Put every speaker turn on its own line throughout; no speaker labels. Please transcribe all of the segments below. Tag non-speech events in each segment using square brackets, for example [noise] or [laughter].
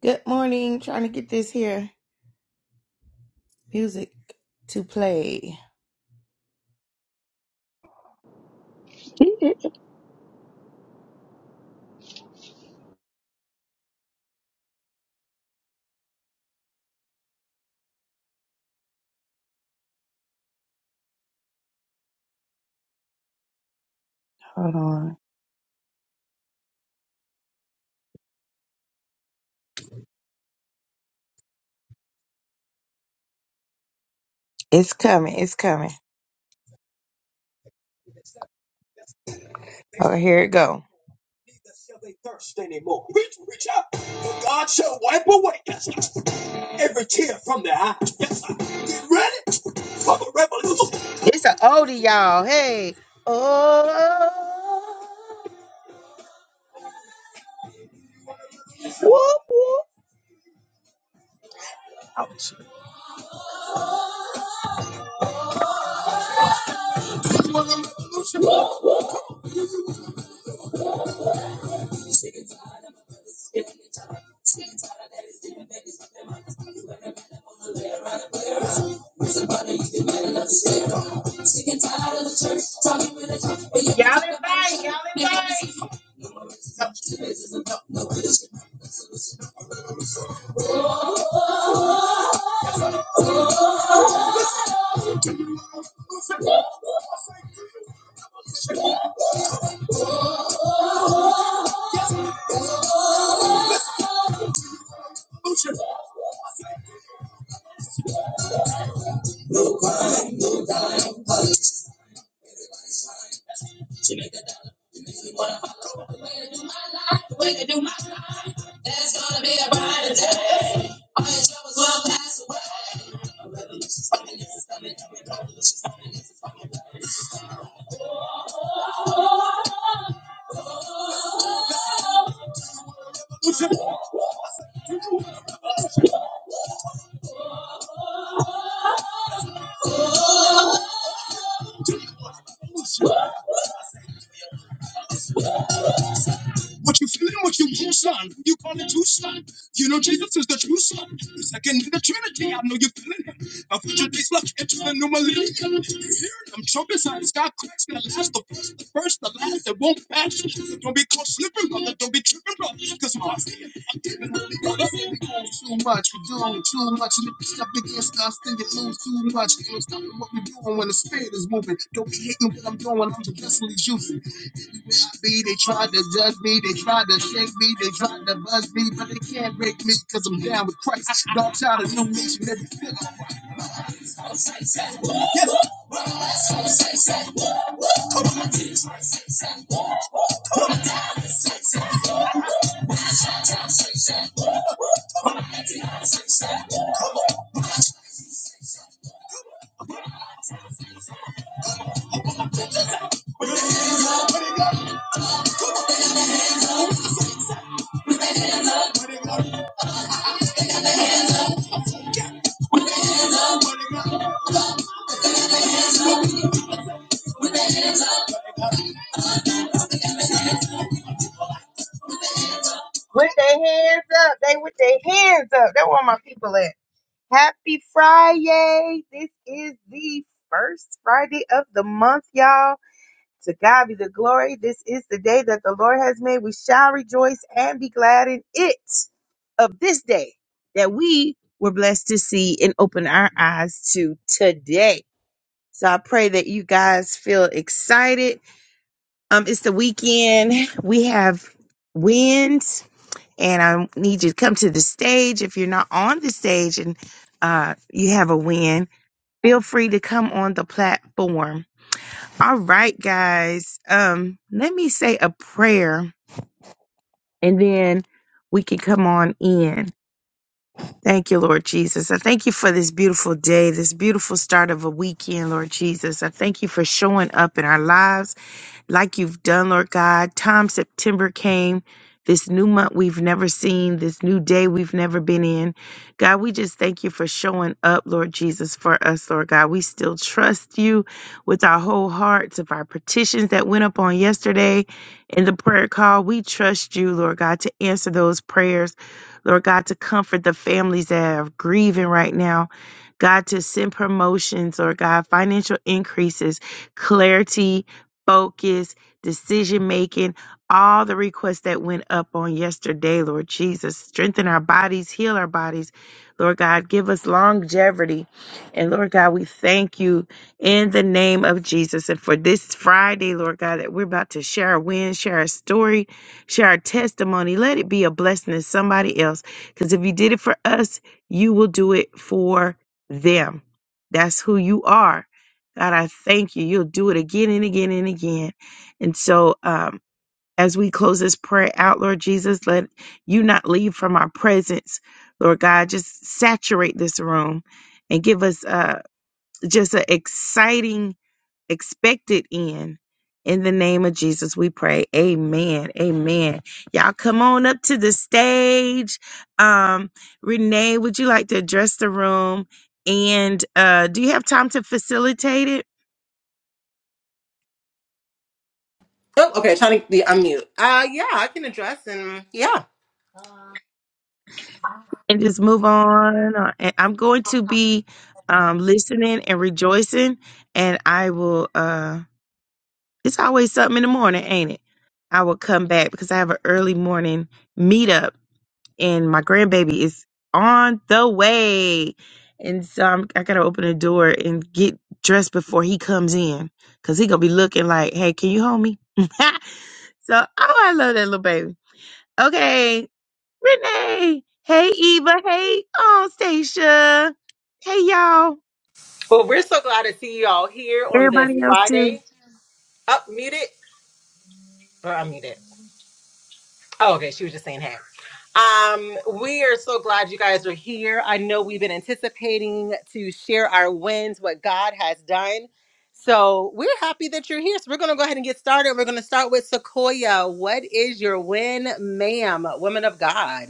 Good morning. Trying to get this here music to play. Hold on. It's coming. It's coming. Oh, here it go. It's an oldie, y'all. Hey. Oh. Whoop, whoop. Y'all invite. Y'all invite. With their hands up. They with their hands up. That's where my people at. Happy Friday. This is the first Friday of the month, y'all. To God be the glory. This is the day that the Lord has made. We shall rejoice and be glad in it of this day that we were blessed to see and open our eyes to today. So I pray that you guys feel excited. Um, it's the weekend. We have wins, and I need you to come to the stage if you're not on the stage and uh, you have a win feel free to come on the platform. All right, guys. Um, let me say a prayer and then we can come on in. Thank you, Lord Jesus. I thank you for this beautiful day, this beautiful start of a weekend, Lord Jesus. I thank you for showing up in our lives like you've done, Lord God. Time September came, this new month we've never seen, this new day we've never been in. God, we just thank you for showing up, Lord Jesus, for us, Lord God. We still trust you with our whole hearts of our petitions that went up on yesterday in the prayer call. We trust you, Lord God, to answer those prayers, Lord God, to comfort the families that are grieving right now. God, to send promotions, Lord God, financial increases, clarity, focus, decision making, all the requests that went up on yesterday, Lord Jesus. Strengthen our bodies, heal our bodies. Lord God, give us longevity. And Lord God, we thank you in the name of Jesus. And for this Friday, Lord God, that we're about to share our win, share our story, share our testimony. Let it be a blessing to somebody else. Because if you did it for us, you will do it for them. That's who you are. God, I thank you. You'll do it again and again and again. And so, um, as we close this prayer out, Lord Jesus, let you not leave from our presence, Lord God. Just saturate this room and give us uh, just an exciting, expected end. In the name of Jesus, we pray. Amen. Amen. Y'all come on up to the stage. Um, Renee, would you like to address the room? And uh, do you have time to facilitate it?
Oh, okay. Trying to be unmute. Uh, yeah, I can address and yeah.
and just move on. Uh, and I'm going to be um, listening and rejoicing, and I will. Uh, it's always something in the morning, ain't it? I will come back because I have an early morning meetup, and my grandbaby is on the way, and so I'm, I gotta open the door and get dressed before he comes in, cause he gonna be looking like, "Hey, can you hold me?" [laughs] so, oh, I love that little baby. Okay, Renee. Hey, Eva. Hey, oh, Stacia. Hey, y'all.
Well, we're so glad to see you all here on this
Everybody else, too.
Friday. Up muted or unmuted? Oh, okay. She was just saying hey. Um, we are so glad you guys are here. I know we've been anticipating to share our wins, what God has done. So we're happy that you're here. So we're going to go ahead and get started. We're going to start with Sequoia. What is your win, ma'am, women of God?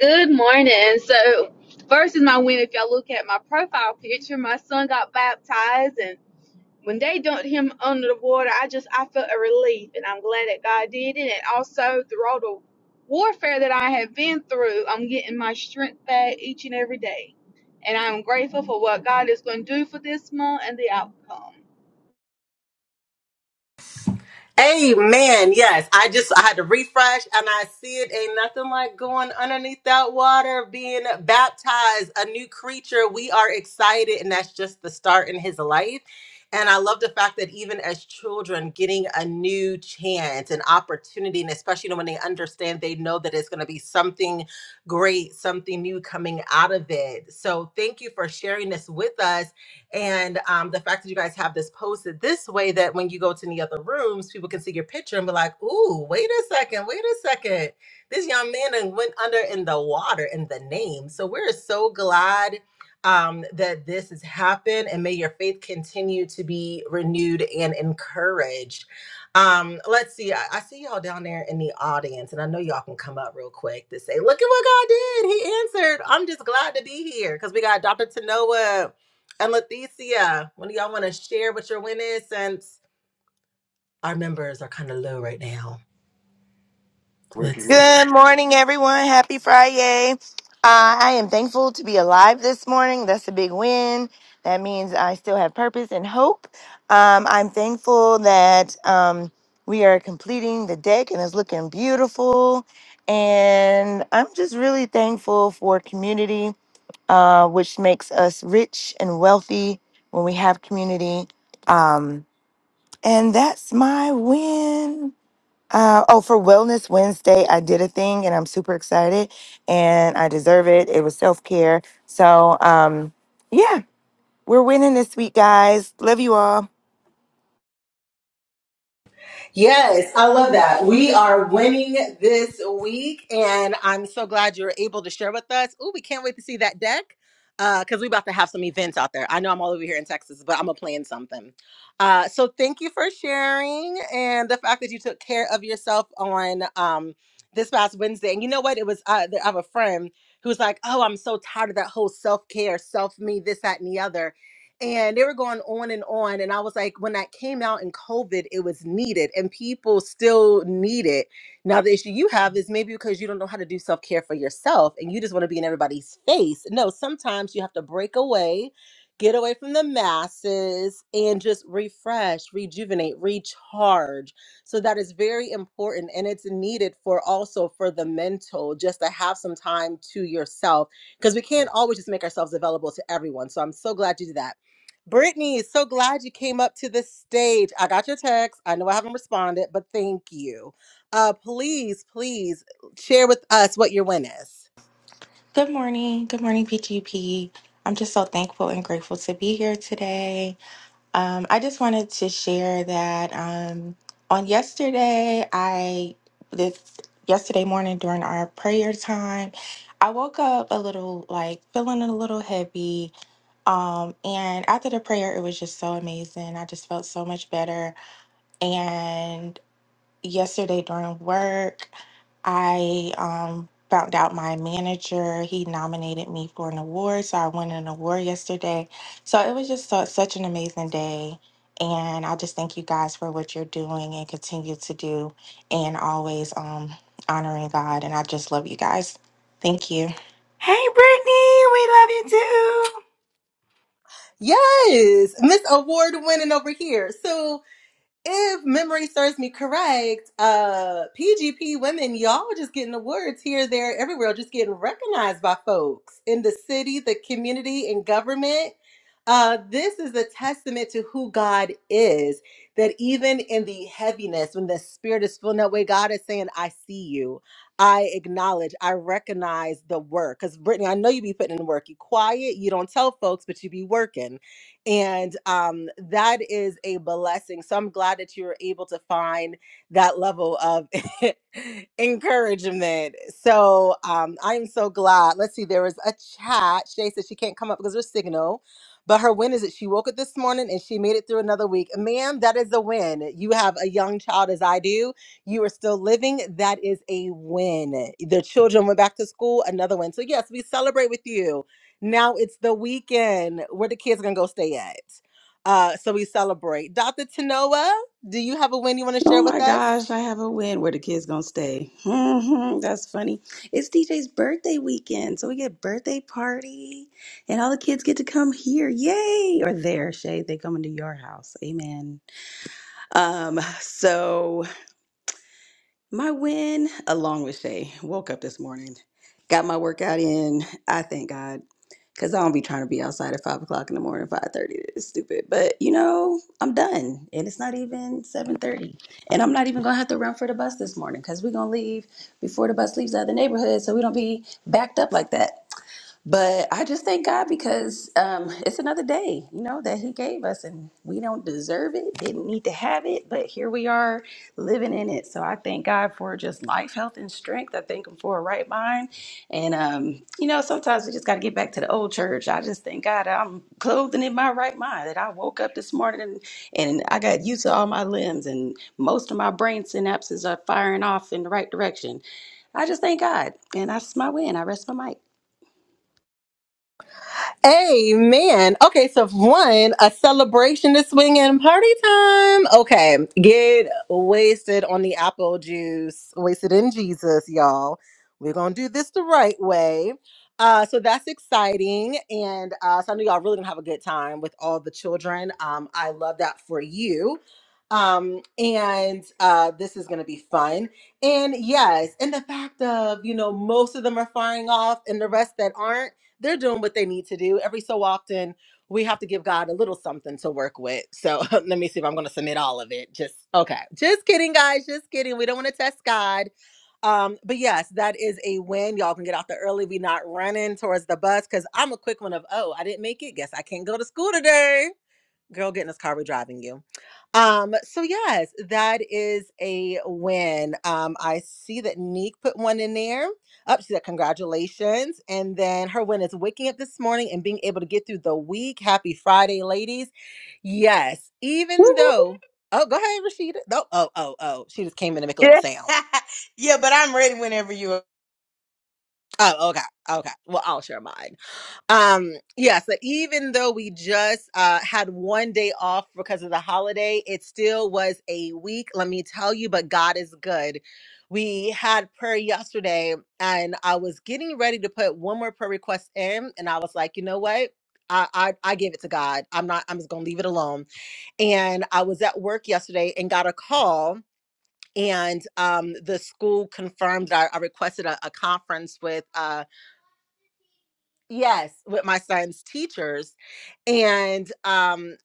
Good morning. So, first is my win. If y'all look at my profile picture, my son got baptized, and when they dumped him under the water, I just I felt a relief, and I'm glad that God did it. And also through all the warfare that I have been through, I'm getting my strength back each and every day, and I'm grateful for what God is going to do for this month and the outcome.
Amen. Yes. I just I had to refresh and I see it ain't nothing like going underneath that water, being baptized, a new creature. We are excited and that's just the start in his life. And I love the fact that even as children, getting a new chance, an opportunity, and especially when they understand, they know that it's going to be something great, something new coming out of it. So, thank you for sharing this with us. And um, the fact that you guys have this posted this way that when you go to the other rooms, people can see your picture and be like, ooh, wait a second, wait a second. This young man done went under in the water in the name. So we're so glad um, that this has happened and may your faith continue to be renewed and encouraged. Um, let's see. I, I see y'all down there in the audience, and I know y'all can come up real quick to say, look at what God did. He answered. I'm just glad to be here because we got Dr. Tanoa. And Leticia, when do y'all want to share what your win is, since our members are kind of low right now. Let's see.
Good morning, everyone. Happy Friday. Uh, I am thankful to be alive this morning. That's a big win. That means I still have purpose and hope. Um, I'm thankful that um, we are completing the deck and it's looking beautiful. And I'm just really thankful for community, uh, which makes us rich and wealthy when we have community. Um, and that's my win. Uh, oh, for Wellness Wednesday, I did a thing and I'm super excited and I deserve it. It was self care. So, um, yeah, we're winning this week, guys. Love you all.
Yes, I love that. We are winning this week, and I'm so glad you're able to share with us. Ooh, we can't wait to see that deck because we're about to have some events out there. I know I'm all over here in Texas, but I'm gonna plan something. Uh, so thank you for sharing and the fact that you took care of yourself on um, this past Wednesday. And you know what? It was uh, I have a friend who was like, "Oh, I'm so tired of that whole self care, self me, this, that, and the other." and they were going on and on and i was like when that came out in covid it was needed and people still need it now the issue you have is maybe because you don't know how to do self-care for yourself and you just want to be in everybody's face no sometimes you have to break away get away from the masses and just refresh rejuvenate recharge so that is very important and it's needed for also for the mental just to have some time to yourself because we can't always just make ourselves available to everyone. So I'm so glad you did that. Brittany, so glad you came up to the stage. I got your text. I know I haven't responded, but thank you. Uh, please, please share with us what your win is.
Good morning. Good morning, PGP. I'm just so thankful and grateful to be here today. Um, I just wanted to share that um, on yesterday, I this yesterday morning during our prayer time, I woke up a little like feeling a little heavy. Um, and after the prayer, it was just so amazing. I just felt so much better, and yesterday during work, I um, found out my manager he nominated me for an award, so I won an award yesterday. So it was just so, such an amazing day, and I just thank you guys for what you're doing and continue to do, and always um, honoring God. And I just love you guys. Thank you.
Hey, Brittany, we love you too.
Yes, Miss Award winning over here. So if memory serves me correct, uh PGP women, y'all just getting awards here, there, everywhere, just getting recognized by folks in the city, the community, and government. Uh, this is a testament to who God is. That even in the heaviness, when the spirit is feeling that way, God is saying, I see you. I acknowledge, I recognize the work. Because Brittany, I know you be putting in the work. You quiet, you don't tell folks, but you be working and um, that is a blessing. So I'm glad that you were able to find that level of [laughs] encouragement. So um, I'm so glad. Let's see, there was a chat. Shay said she can't come up because of her signal, but her win is that she woke up this morning and she made it through another week. Ma'am, that is a win. You have a young child as I do. You are still living. That is a win. The children went back to school, another win. So, yes, we celebrate with you now it's the weekend. Where the kids gonna go stay at? Uh, so we celebrate. Dr. Tanoa, do you have a win you want to
Oh
share with
my
us?
gosh, I have a win. Where the kids gonna stay? hmm That's funny. It's DJ's birthday weekend, so we get birthday party, and all the kids get to come here. Yay! Or there, Shay. They come into your house. Amen. Um. So my win, along with Shay, woke up this morning, got my workout in. I thank God, cause I don't be trying to be outside at five o'clock in the morning, five thirty. It's stupid, but you know, I'm done, and it's not even seven thirty, and I'm not even gonna have to run for the bus this morning, cause we're gonna leave before the bus leaves out of the neighborhood, so we don't be backed up like that. But I just thank God because um, it's another day, you know, that He gave us, and we don't deserve it, didn't need to have it, but here we are living in it. So I thank God for just life, health, and strength. I thank Him for a right mind. And, um, you know, sometimes we just got to get back to the old church. I just thank God I'm clothed and in my right mind, that I woke up this morning and, and I got used to all my limbs, and most of my brain synapses are firing off in the right direction. I just thank God, and that's my win. I rest my mic.
Amen. Okay, so one, a celebration to swing and party time. Okay, get wasted on the apple juice, wasted in Jesus, y'all. We're gonna do this the right way. Uh, so that's exciting, and uh, so I know y'all really gonna have a good time with all the children. Um, I love that for you. Um, and uh, this is gonna be fun. And yes, and the fact of you know most of them are firing off, and the rest that aren't they're doing what they need to do. Every so often, we have to give God a little something to work with. So [laughs] let me see if I'm going to submit all of it. Just okay. Just kidding, guys. Just kidding. We don't want to test God. Um, but yes, that is a win. Y'all can get out the early. We not running towards the bus because I'm a quick one of oh, I didn't make it. Guess I can't go to school today girl get in this car we're driving you um so yes that is a win um i see that neek put one in there up she said congratulations and then her win is waking up this morning and being able to get through the week happy friday ladies yes
[laughs] Woo,
even
woo, woo.
though oh go ahead rashida no oh oh oh she just came in to make a little
Yeah.
sound oh okay okay well i'll share mine Um, yeah, so even though we just uh had one day off because of the holiday, it still was a week, let me tell you, but God is good. We had prayer yesterday and I was getting ready to put one more prayer request in and I was like, you know what? I, I I gave it to God. I'm not I'm just gonna leave it alone. And I was at work yesterday and got a call and um the school confirmed that I, I requested a, a conference with uh yes with my son's teachers and um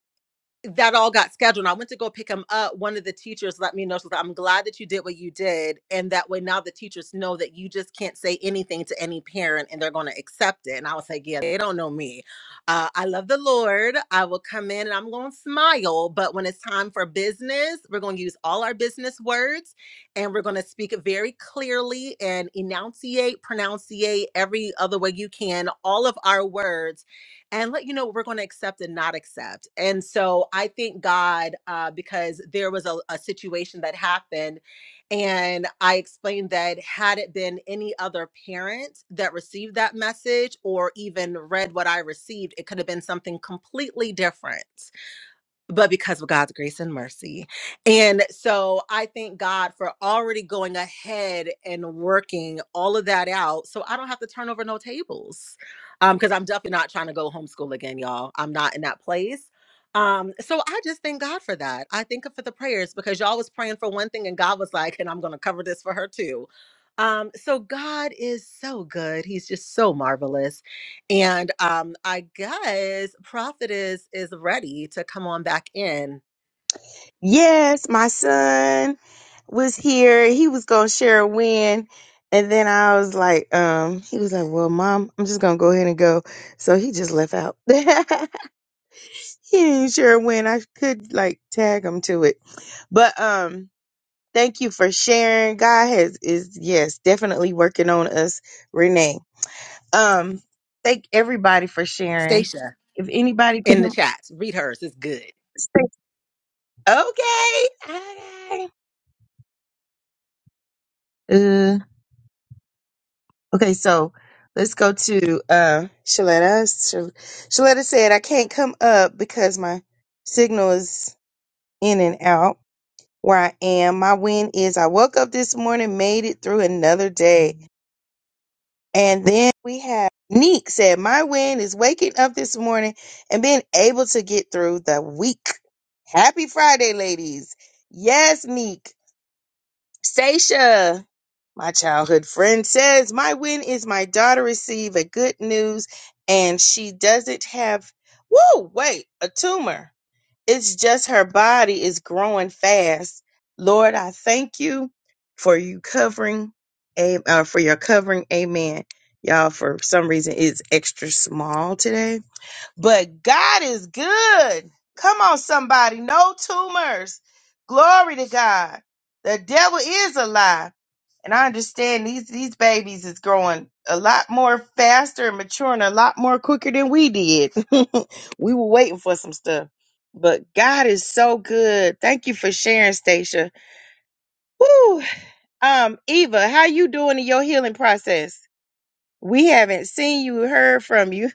that all got scheduled. I went to go pick him up. One of the teachers let me know. So I'm glad that you did what you did. And that way now the teachers know that you just can't say anything to any parent and they're going to accept it. And I was like, yeah, they don't know me. Uh, I love the Lord. I will come in and I'm going to smile. But when it's time for business, we're going to use all our business words and we're going to speak very clearly and enunciate, pronunciate every other way you can, all of our words and let you know what we're going to accept and not accept. And so I thank God uh, because there was a, a situation that happened. And I explained that had it been any other parent that received that message or even read what I received, it could have been something completely different but because of God's grace and mercy. And so I thank God for already going ahead and working all of that out so I don't have to turn over no tables. Um, because I'm definitely not trying to go homeschool again, y'all. I'm not in that place. Um, so I just thank God for that. I thank Him for the prayers because y'all was praying for one thing and God was like, and I'm gonna cover this for her too. Um, so God is so good, He's just so marvelous. And um, I guess Prophet is is ready to come on back in.
Yes, my son was here. He was going to share a win. And then I was like, um, he was like, well, mom, I'm just going to go ahead and go. So he just left out. [laughs] he didn't share a win. I could like tag him to it. But, um, thank you for sharing. God has, is, yes, definitely working on us, Renee. Um, thank everybody for sharing.
Stacia
If anybody
in the
can
chat. Read hers. It's good.
okay, okay. Uh, okay, so let's go to uh Shaletta. Shal- Shaletta said I can't come up because my signal is in and out where I am. My win is I woke up this morning, made it through another day. And then we have Neek said, My win is waking up this morning and being able to get through the week. Happy Friday, ladies. Yes, Neek. Stacia, my childhood friend, says, My win is my daughter receive a good news and she doesn't have, whoa, wait, a tumor. It's just her body is growing fast. Lord, I thank you for you covering, a- uh, for your covering. Amen. Y'all, for some reason, it's extra small today, but God is good. Come on, somebody. No tumors. Glory to God. The devil is a lie. And I understand these these babies is growing a lot more faster and maturing a lot more quicker than we did. [laughs] we were waiting for some stuff. But God is so good. Thank you for sharing, Stacia. Woo! Um, Eva, how you doing in your healing process? We haven't seen you, heard from you.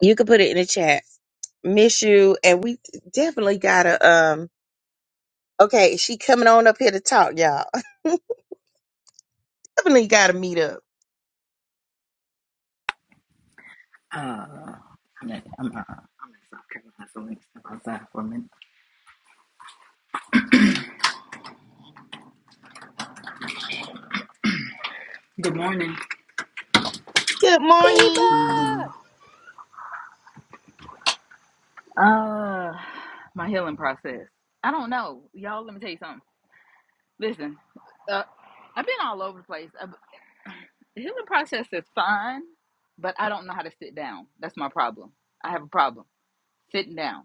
You can put it in the chat. Miss you, and we definitely gotta um. Okay, she coming on up here to talk, y'all. [laughs] Definitely got to meet up.
Uh, I'm in, I'm, uh, I'm in South Carolina, so let me step outside for a minute. Good morning.
Good morning.
Uh, my healing process. I don't know, y'all. Let me tell you something. Listen, uh, I've been all over the place. Uh, the healing process is fine, but I don't know how to sit down. That's my problem. I have a problem sitting down.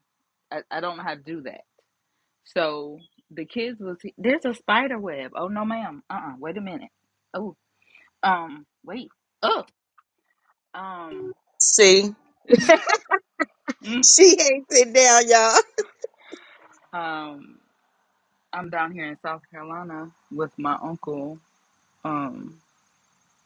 I, I don't know how to do that. So the kids was there's a spider web. Oh no, ma'am. Uh uh Wait a minute. Oh um wait. Oh um.
See,
[laughs] Mm,
she ain't sitting down, y'all.
Um, I'm down here in South Carolina with my uncle, um,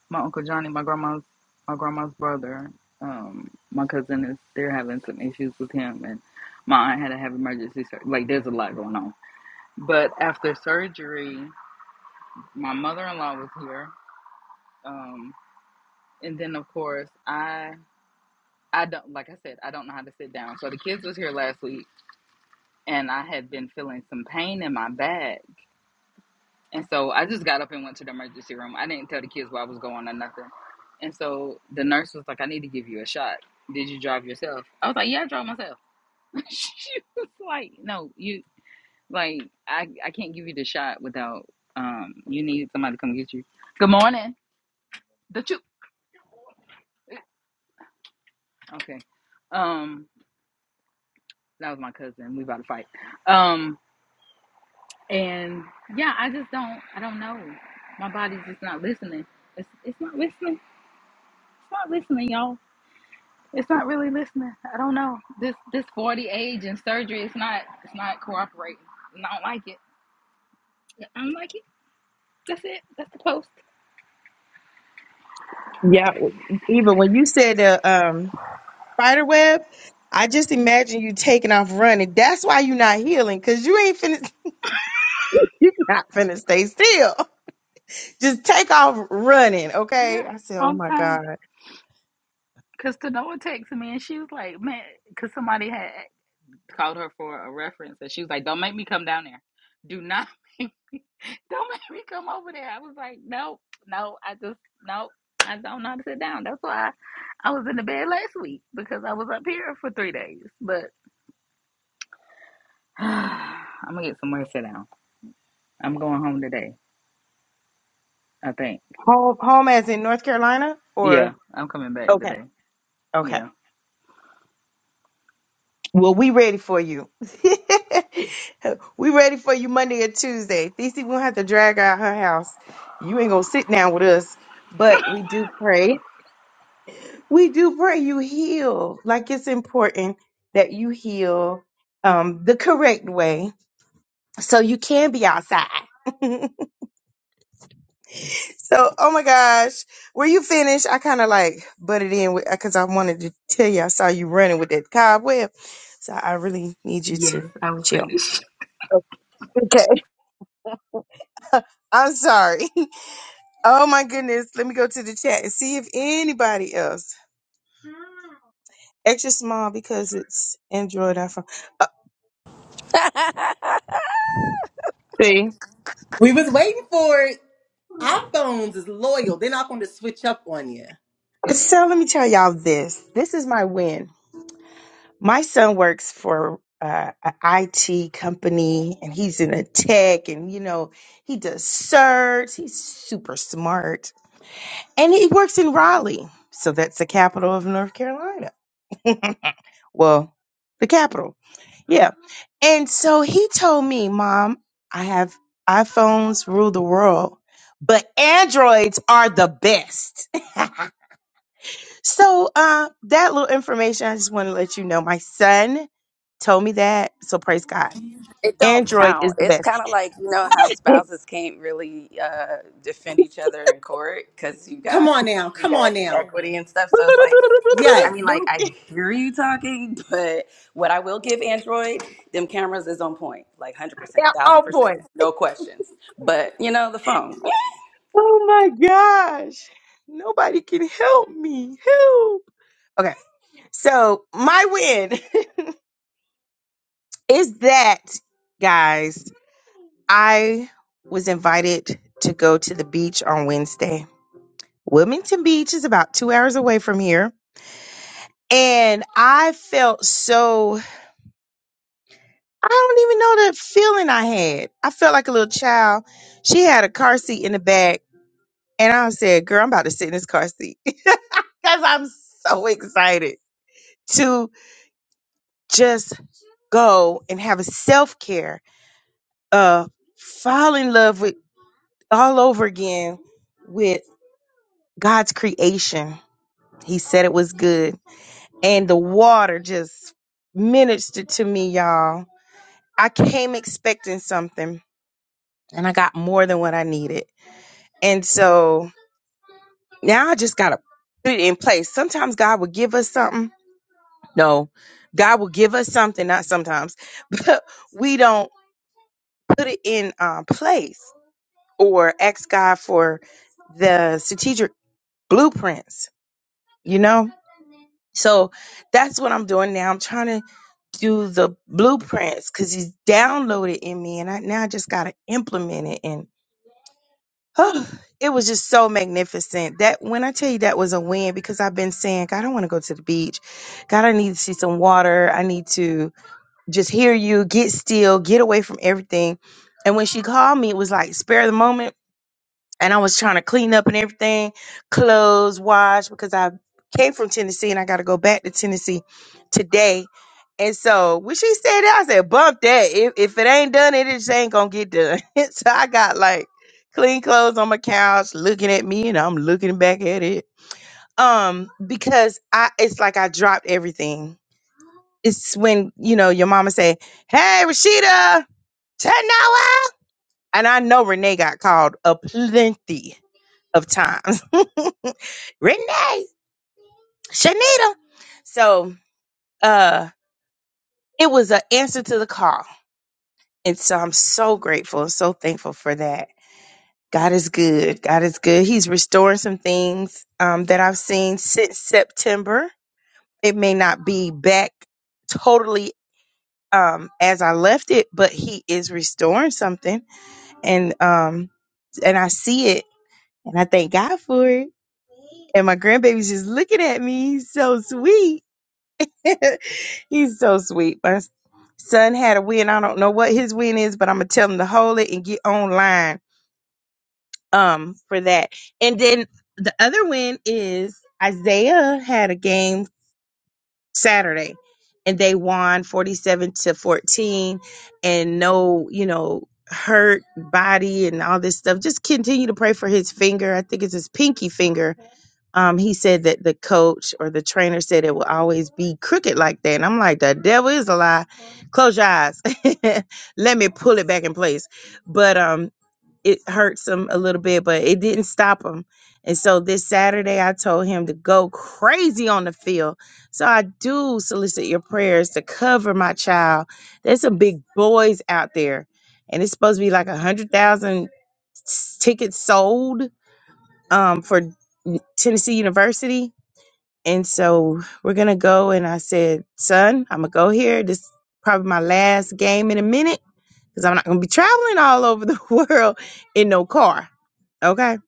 my uncle Johnny, my grandma's, my grandma's brother. Um, my cousin is they're having some issues with him, and my aunt had to have emergency surgery. Like, there's a lot going on. But after surgery, my mother-in-law was here, um, and then of course I, I don't like I said I don't know how to sit down. So the kids was here last week, and I had been feeling some pain in my back And so I just got up and went to the emergency room. I didn't tell the kids where I was going or nothing. And so the nurse was like, I need to give you a shot. Did you drive yourself? I was like, Yeah, I drove myself. [laughs] she was like, No, you like I, I can't give you the shot without um you need somebody to come get you. Good morning. The choo Okay. Um that was my cousin. We about to fight. Um and yeah, I just don't I don't know. My body's just not listening. It's it's not listening. It's not listening, y'all It's not really listening. I don't know. This this forty age and surgery it's not it's not cooperating. I don't like it. I don't like it. That's it. That's the post.
Yeah, even when you said the um spider web, I just imagine you taking off running. That's why you're not healing, cause you ain't finna. [laughs] You're not finna stay still. Just take off running, okay?
Yeah.
I said, oh
all the
my
time.
God.
Cause Tanoa texted me and she was like, man, cause somebody had called her for a reference and she was like, Don't make me come down there. Do not [laughs] make, don't make me come over there. I was like, Nope, no, I just no. I don't know how to sit down. That's why I, I was in the bed last week because I was up here for three days. But [sighs] I'm gonna get somewhere to sit down. I'm going home today, I think.
Home, home as in North Carolina
Yeah,
or?
I'm coming back
Okay.
today.
Okay.
Yeah.
Well, we ready for you. [laughs] we ready for you Monday or Tuesday. Thesey won't have to drag out her house. You ain't gonna sit down with us, but we do pray. We do pray you heal. Like it's important that you heal um, the correct way so you can be outside. [laughs] So, oh my gosh, were you finished? I kind of like butted in because I wanted to tell you I saw you running with that cobweb. So I really need you
Yes,
to
I will
chill.
finish.
Okay. I'm sorry. [laughs] Oh my goodness. Let me go to the chat and see if anybody else. Extra small because it's Android iPhone. Uh,
[laughs]
see?
We was waiting for it. iPhones is loyal. They're not going to switch up on you.
So let me tell y'all this. This is my win. my son works for uh, an IT company and he's in a tech and you know he does search. He's super smart and he works in Raleigh, so that's the capital of North Carolina. [laughs] well, the capital, yeah. And so he told me, "Mom, I have iPhones rule the world, but Androids are the best." [laughs] So uh, that little information, I just want to let you know. My son told me that, so praise God.
It don't
Android is
count.
the
It's
best.
kind of like you know how
[laughs]
spouses can't really uh, defend each other in court because you
Come
got
on now.
you
Come
got
on now.
equity and stuff. So it's like, I
Yes.
mean, like I hear you talking, [laughs] but what I will give Android, them cameras is on point, like hundred percent,
Yeah,
thousand
On
percent,
point.
no questions. But you know the phone.
Oh my gosh. Nobody can help me. Help. Okay. So my win [laughs] is that, guys, I was invited to go to the beach on Wednesday. Wilmington Beach is about two hours away from here. And I felt so I don't even know the feeling I had. I felt like a little child. She had a car seat in the back, and I said, "Girl, I'm about to sit in this car seat [laughs] because I'm so excited to just go and have a self care, uh, fall in love with all over again with God's creation. He said it was good, and the water just ministered to me, y'all. I came expecting something, and I got more than what I needed And so now I just got to put it in place. Sometimes God will give us something. No, God will give us something, not sometimes, [laughs] but we don't put it in um, place or ask God for the strategic blueprints, you know? So that's what I'm doing now. I'm trying to do the blueprints because he's downloaded in me and I now I just gotta implement it and. [sighs] Oh, it was just so magnificent. That when I tell you that was a win because I've been saying, God, I want to go to the beach. God, I need to see some water. I need to just hear you, get still, get away from everything. And when she called me, it was like spare the moment and I was trying to clean up and everything, clothes, wash because I came from Tennessee and I got to go back to Tennessee today. And so when she said that, I said, "Bump that! If if it ain't done, it just ain't gonna get done." [laughs] so I got like clean clothes on my couch, looking at me, and I'm looking back at it. Um, because I it's like I dropped everything. It's when you know your mama say, "Hey, Rashida, turn now out. and I know Renee got called a plenty of times. [laughs] Renee, Shanita. So uh it was an answer to the call. And so I'm so grateful and so thankful for that. God is good. God is good. He's restoring some things um, that I've seen since September. It may not be back totally um, as I left it, but He is restoring something, and um, and I see it, and I thank God for it. And my grandbaby's just looking at me, He's so sweet [laughs] He's so sweet. My son had a win. I don't know what his win is, but I'm gonna tell him to hold it and get online um for that. And then the other win is Isaiah had a game Saturday and they won 47 to 14 and no, you know, hurt body and all this stuff. Just continue to pray for his finger. I think it's his pinky finger um, he said that the coach or the trainer said it will always be crooked like that. And I'm like, the devil is a lie. Close your eyes. [laughs] Let me pull it back in place. But um, it hurts him a little bit, but it didn't stop him. And so this Saturday, I told him to go crazy on the field. So I do solicit your prayers to cover my child. There's some big boys out there, and it's supposed to be like a hundred thousand tickets sold um, for Tennessee University and so we're going to go. And I said, son, I'm going to go here. This is probably my last game in a minute because I'm not going to be traveling all over the [laughs] world in no car. Okay.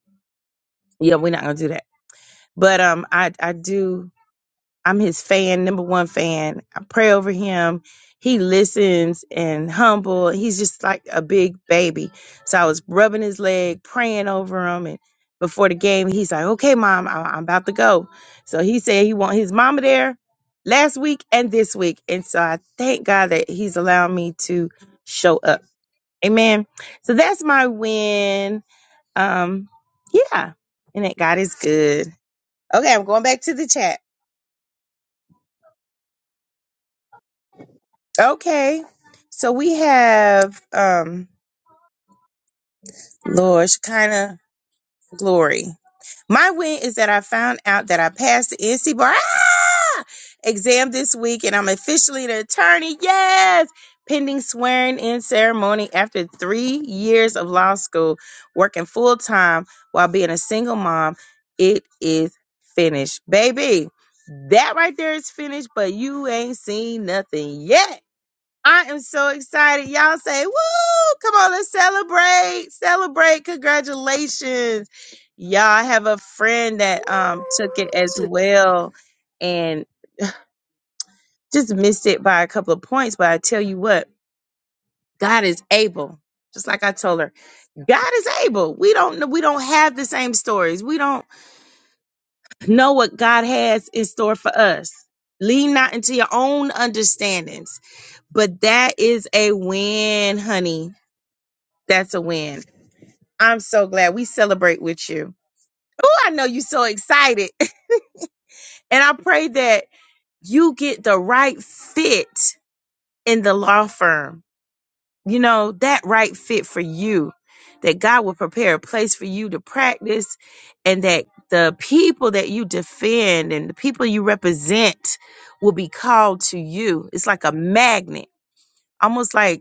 Yeah, we're not going to do that. But um, I, I do. I'm his fan, number one fan. I pray over him. He listens and humble. He's just like a big baby. So I was rubbing his leg, praying over him. And before the game, he's like, okay, mom, I- I'm about to go. So he said he want his mama there last week and this week. And so I thank God that he's allowed me to show up. Amen. So that's my win. Um, yeah. And that God is good. Okay, I'm going back to the chat. Okay. So we have um Lord Shekinah Glory. My win is that I found out that I passed the NC bar ah! exam this week and I'm officially an attorney. Yes! Pending swearing in ceremony after three years of law school, working full time while being a single mom. It is finished. Baby, that right there is finished, but you ain't seen nothing yet. I am so excited. Y'all say, woo! Come on, let's celebrate. Celebrate. Congratulations. Y'all I have a friend that um took it as well and just missed it by a couple of points. But I tell you what, God is able. Just like I told her, God is able. We don't know, we don't have the same stories. We don't know what God has in store for us. Lean not into your own understandings. But that is a win, honey. That's a win. I'm so glad we celebrate with you. Oh, I know you're so excited. [laughs] And I pray that you get the right fit in the law firm. You know, that right fit for you. That God will prepare a place for you to practice and that the people that you defend and the people you represent will be called to you. It's like a magnet, almost like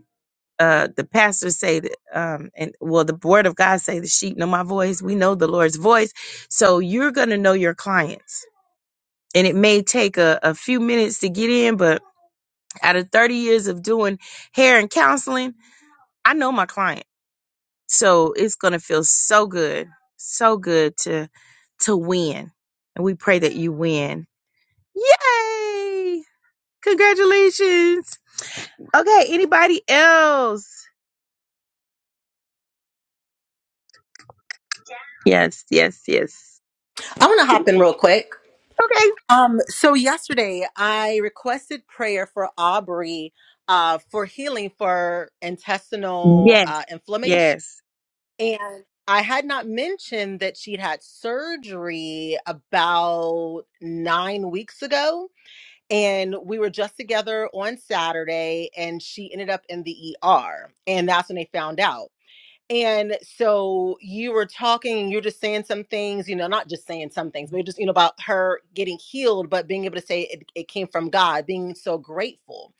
uh the pastors say that um and well the word of god say the sheep know my voice we know the lord's voice so you're gonna know your clients and it may take a, a few minutes to get in but out of 30 years of doing hair and counseling i know my client so it's gonna feel so good so good to to win and we pray that you win yay congratulations okay anybody else yes yes yes
I want to hop in real quick.
okay
Um, so yesterday I requested prayer for Aubrey uh, for healing for
yes
intestinal uh, inflammation.
Yes.
And I had not mentioned that she'd had surgery about nine weeks ago. And we were just together on Saturday, and she ended up in the ER. And that's when they found out. And so you were talking and you're just saying some things, you know, not just saying some things, but just, you know, about her getting healed, but being able to say it, it came from God, being so grateful.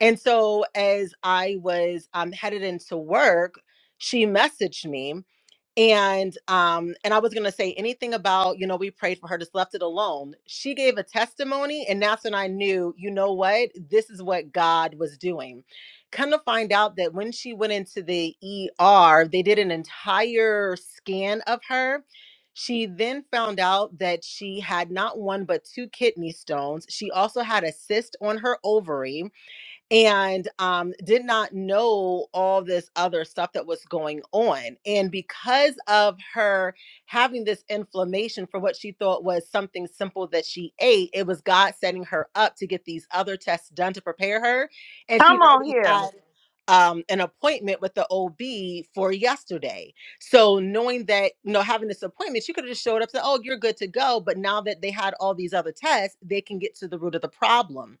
And so as I was um, headed into work, she messaged me and um and i was going to say anything about you know we prayed for her just left it alone she gave a testimony and that's when i knew you know what this is what god was doing come to find out that when she went into the er they did an entire scan of her she then found out that she had not one but two kidney stones she also had a cyst on her ovary and um, did not know all this other stuff that was going on. And because of her having this inflammation for what she thought was something simple that she ate, it was God setting her up to get these other tests done to prepare her. And
Come
she'd
on
already
here.
had. Um, an appointment with the OB for yesterday. So knowing that, you know, having this appointment, she could have just showed up and said, Oh, you're good to go. But now that they had all these other tests, they can get to the root of the problem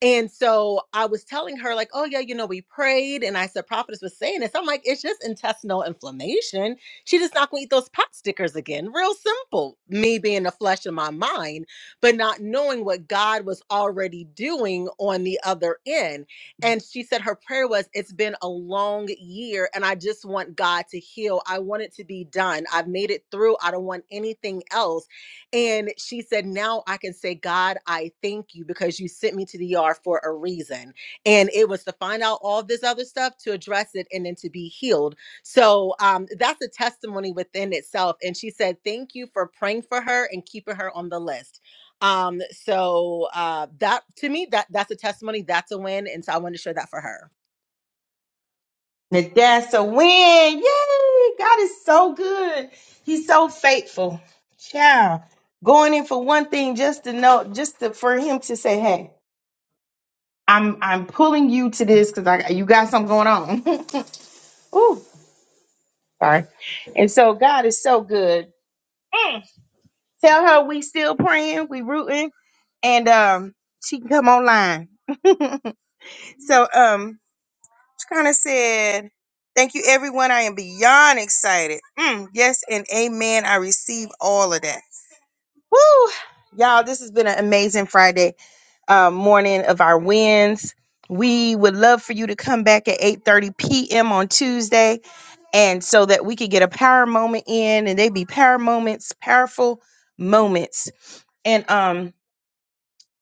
and so I was telling her, like, oh, yeah, you know, we prayed. And I said, prophetess was saying this. I'm like, it's just intestinal inflammation. She just not going to eat those pot stickers again. Real simple. Me being the flesh of my mind, but not knowing what God was already doing on the other end. And she said her prayer was, it's been a long year and I just want God to heal. I want it to be done. I've made it through. I don't want anything else and she said, Now I can say, God, I thank you because you sent me to the ER for a reason. And it was to find out all this other stuff, to address it, and then to be healed. So um, that's a testimony within itself. And she said, Thank you for praying for her and keeping her on the list. Um, so uh, that to me, that that's a testimony, that's a win. And so I wanted to share that for her.
Now that's a win. Yay! God is so good. He's so faithful. Child. Going in for one thing just to know, just to, for him to say, hey, I'm I'm pulling you to this because I you got something going on. [laughs] Ooh, sorry. And so God is so good. Mm. Tell her we still praying, we rooting, and um she can come online. [laughs] so um She kind of said, Thank you, everyone. I am beyond excited. Mm, yes, and amen. I receive all of that. Woo! Y'all, this has been an amazing Friday uh, morning of our wins. We would love for you to come back at 8:30 p.m. on Tuesday, and so that we could get a power moment in, and they be power moments, powerful moments. And um,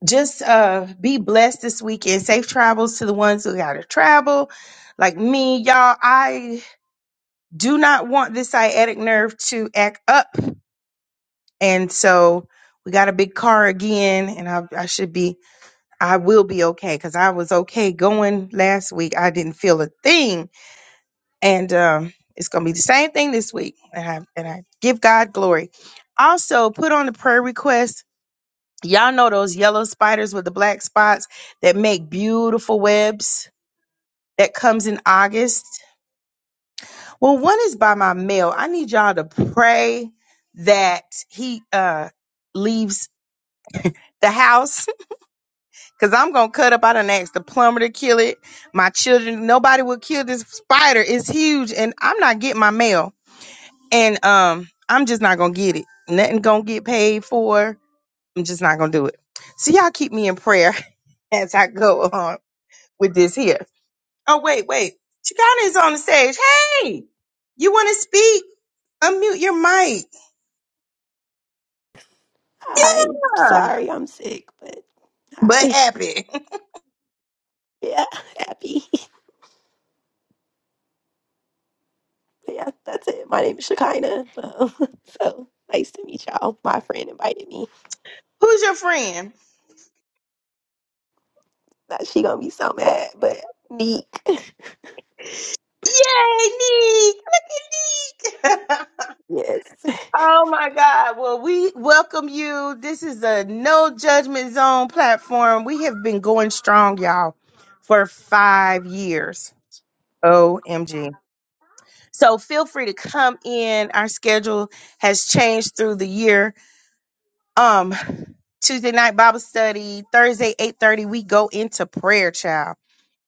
just uh be blessed this weekend. Safe travels to the ones who gotta travel. Like me, y'all, I do not want this sciatic nerve to act up. And so we got a big car again, and I, I should be, I will be okay because I was okay going last week. I didn't feel a thing. And um, it's going to be the same thing this week. And I, and I give God glory. Also, put on the prayer request Y'all know those yellow spiders with the black spots that make beautiful webs that comes in August? Well, one is by my mail. I need y'all to pray that he uh leaves the house [laughs] because I'm gonna cut up. I done asked the plumber to kill it. My children, nobody will kill this spider. It's huge, and I'm not getting my mail. And um, I'm just not gonna get it. Nothing gonna get paid for. I'm just not gonna do it. So y'all keep me in prayer [laughs] as I go on. with this here. Oh, wait, wait. Chicana is on the stage. Hey, you want to speak? Unmute your mic.
Hi.
Yeah.
Sorry, I'm sick, but
But
hi. [laughs]
happy.
Yeah, happy. [laughs] Yeah, that's it. My name is Shekinah. Um, [laughs] so nice to meet y'all. My friend invited me.
[laughs] Who's your friend?
Now she gonna be so mad, but Neek. [laughs]
Yay, Neek! Look at Neek! [laughs]
Yes. [laughs]
oh my God. Well, we welcome you. This is a no judgment zone platform. We have been going strong, y'all, for five years. OMG. So feel free to come in. Our schedule has changed through the year Um, Tuesday night Bible study, Thursday 8:30 we go into prayer, child.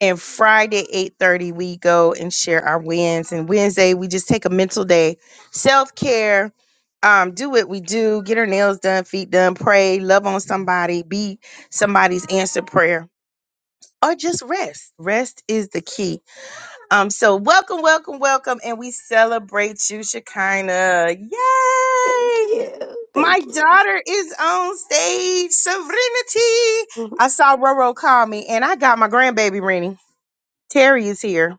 And Friday 8:30 we go and share our wins and Wednesday we just take a mental day, self-care, um do what we do, get our nails done, feet done, pray, love on somebody, be somebody's answered prayer. Or just rest. Rest is the key. Um, so welcome, welcome, welcome, and we celebrate you, Shekinah. Yay!
Thank you.
My
Thank
daughter is on stage. Serenity.
you.
I saw Roro call me, and I got my grandbaby Rennie. Terry is here.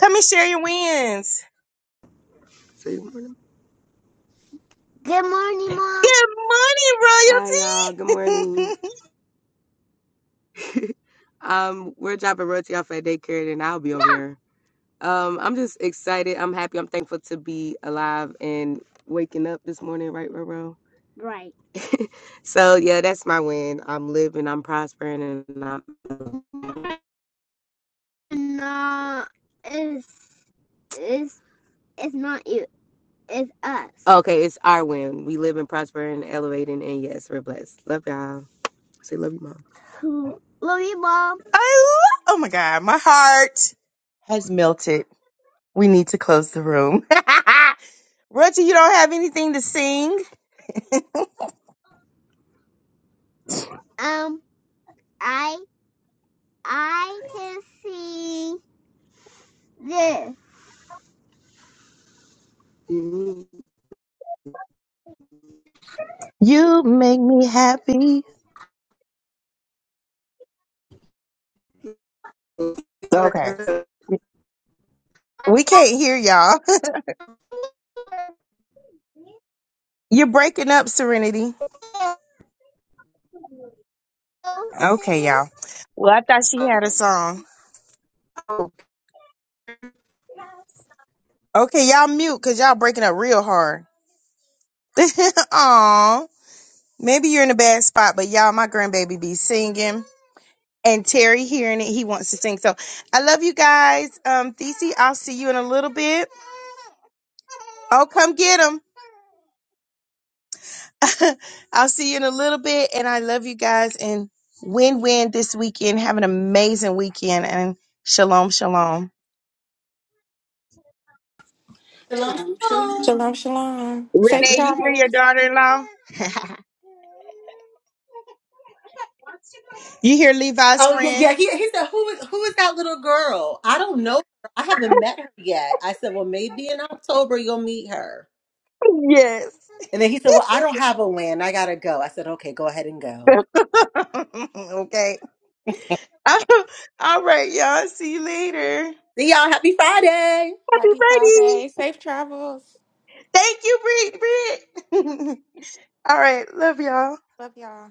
Come and share your wins.
Say good morning. Good morning, Mom.
Good morning,
Hi, y'all. Good morning.
royalty. [laughs]
[laughs] um, we're dropping Royalty off at daycare, and I'll be over here. Um, I'm just excited. I'm happy. I'm thankful to be alive and waking up this morning. Right, Roro? Right. So yeah, that's my win. I'm living. I'm prospering, and I'm No, it's it's it's not you. It's us. okay. It's our win. We live and prosper and elevating, and yes, we're blessed. Love y'all. Say love you, mom. Love you, mom.
I lo- oh my god, my heart has melted. We need to close the room. [laughs] Roger, you don't have anything to sing?
Um, I I can see this.
You make me happy. Okay. We can't hear y'all. [laughs] You're breaking up, Serenity. Okay, y'all. Well, I thought she had a song.
Mhm.
Okay, y'all mute because y'all breaking up real hard. [laughs] Aw. Maybe you're in a bad spot, but y'all, my grandbaby be singing. And Terry hearing it, he wants to sing. So I love you guys. Um, Thesey, I'll see you in a little bit. Oh, come get him. [laughs] I'll see you in a little bit. And I love you guys. And win win this weekend. Have an amazing weekend. And shalom, shalom.
Shalom,
Shoo,
shalom.
shoo.
Shalom, shalom. Safe
Renee, you hear your
travels.
daughter in law? You hear Levi's
Oh yeah, yeah.
friend?
He, he said, "Who is who is that little girl? I don't know. Her. I haven't met her yet." I said, "Well, maybe in October you'll meet her."
Yes.
And then he said, "Well, I don't have a win. I gotta go." I said, "Okay, go ahead and go."
[laughs] okay. [laughs] All right, y'all. See you later.
See y'all. Happy Friday.
Happy
Happy Friday.
Friday.
Safe travels.
Thank you, Brit. Brit. [laughs] All right. Love y'all.
Love y'all.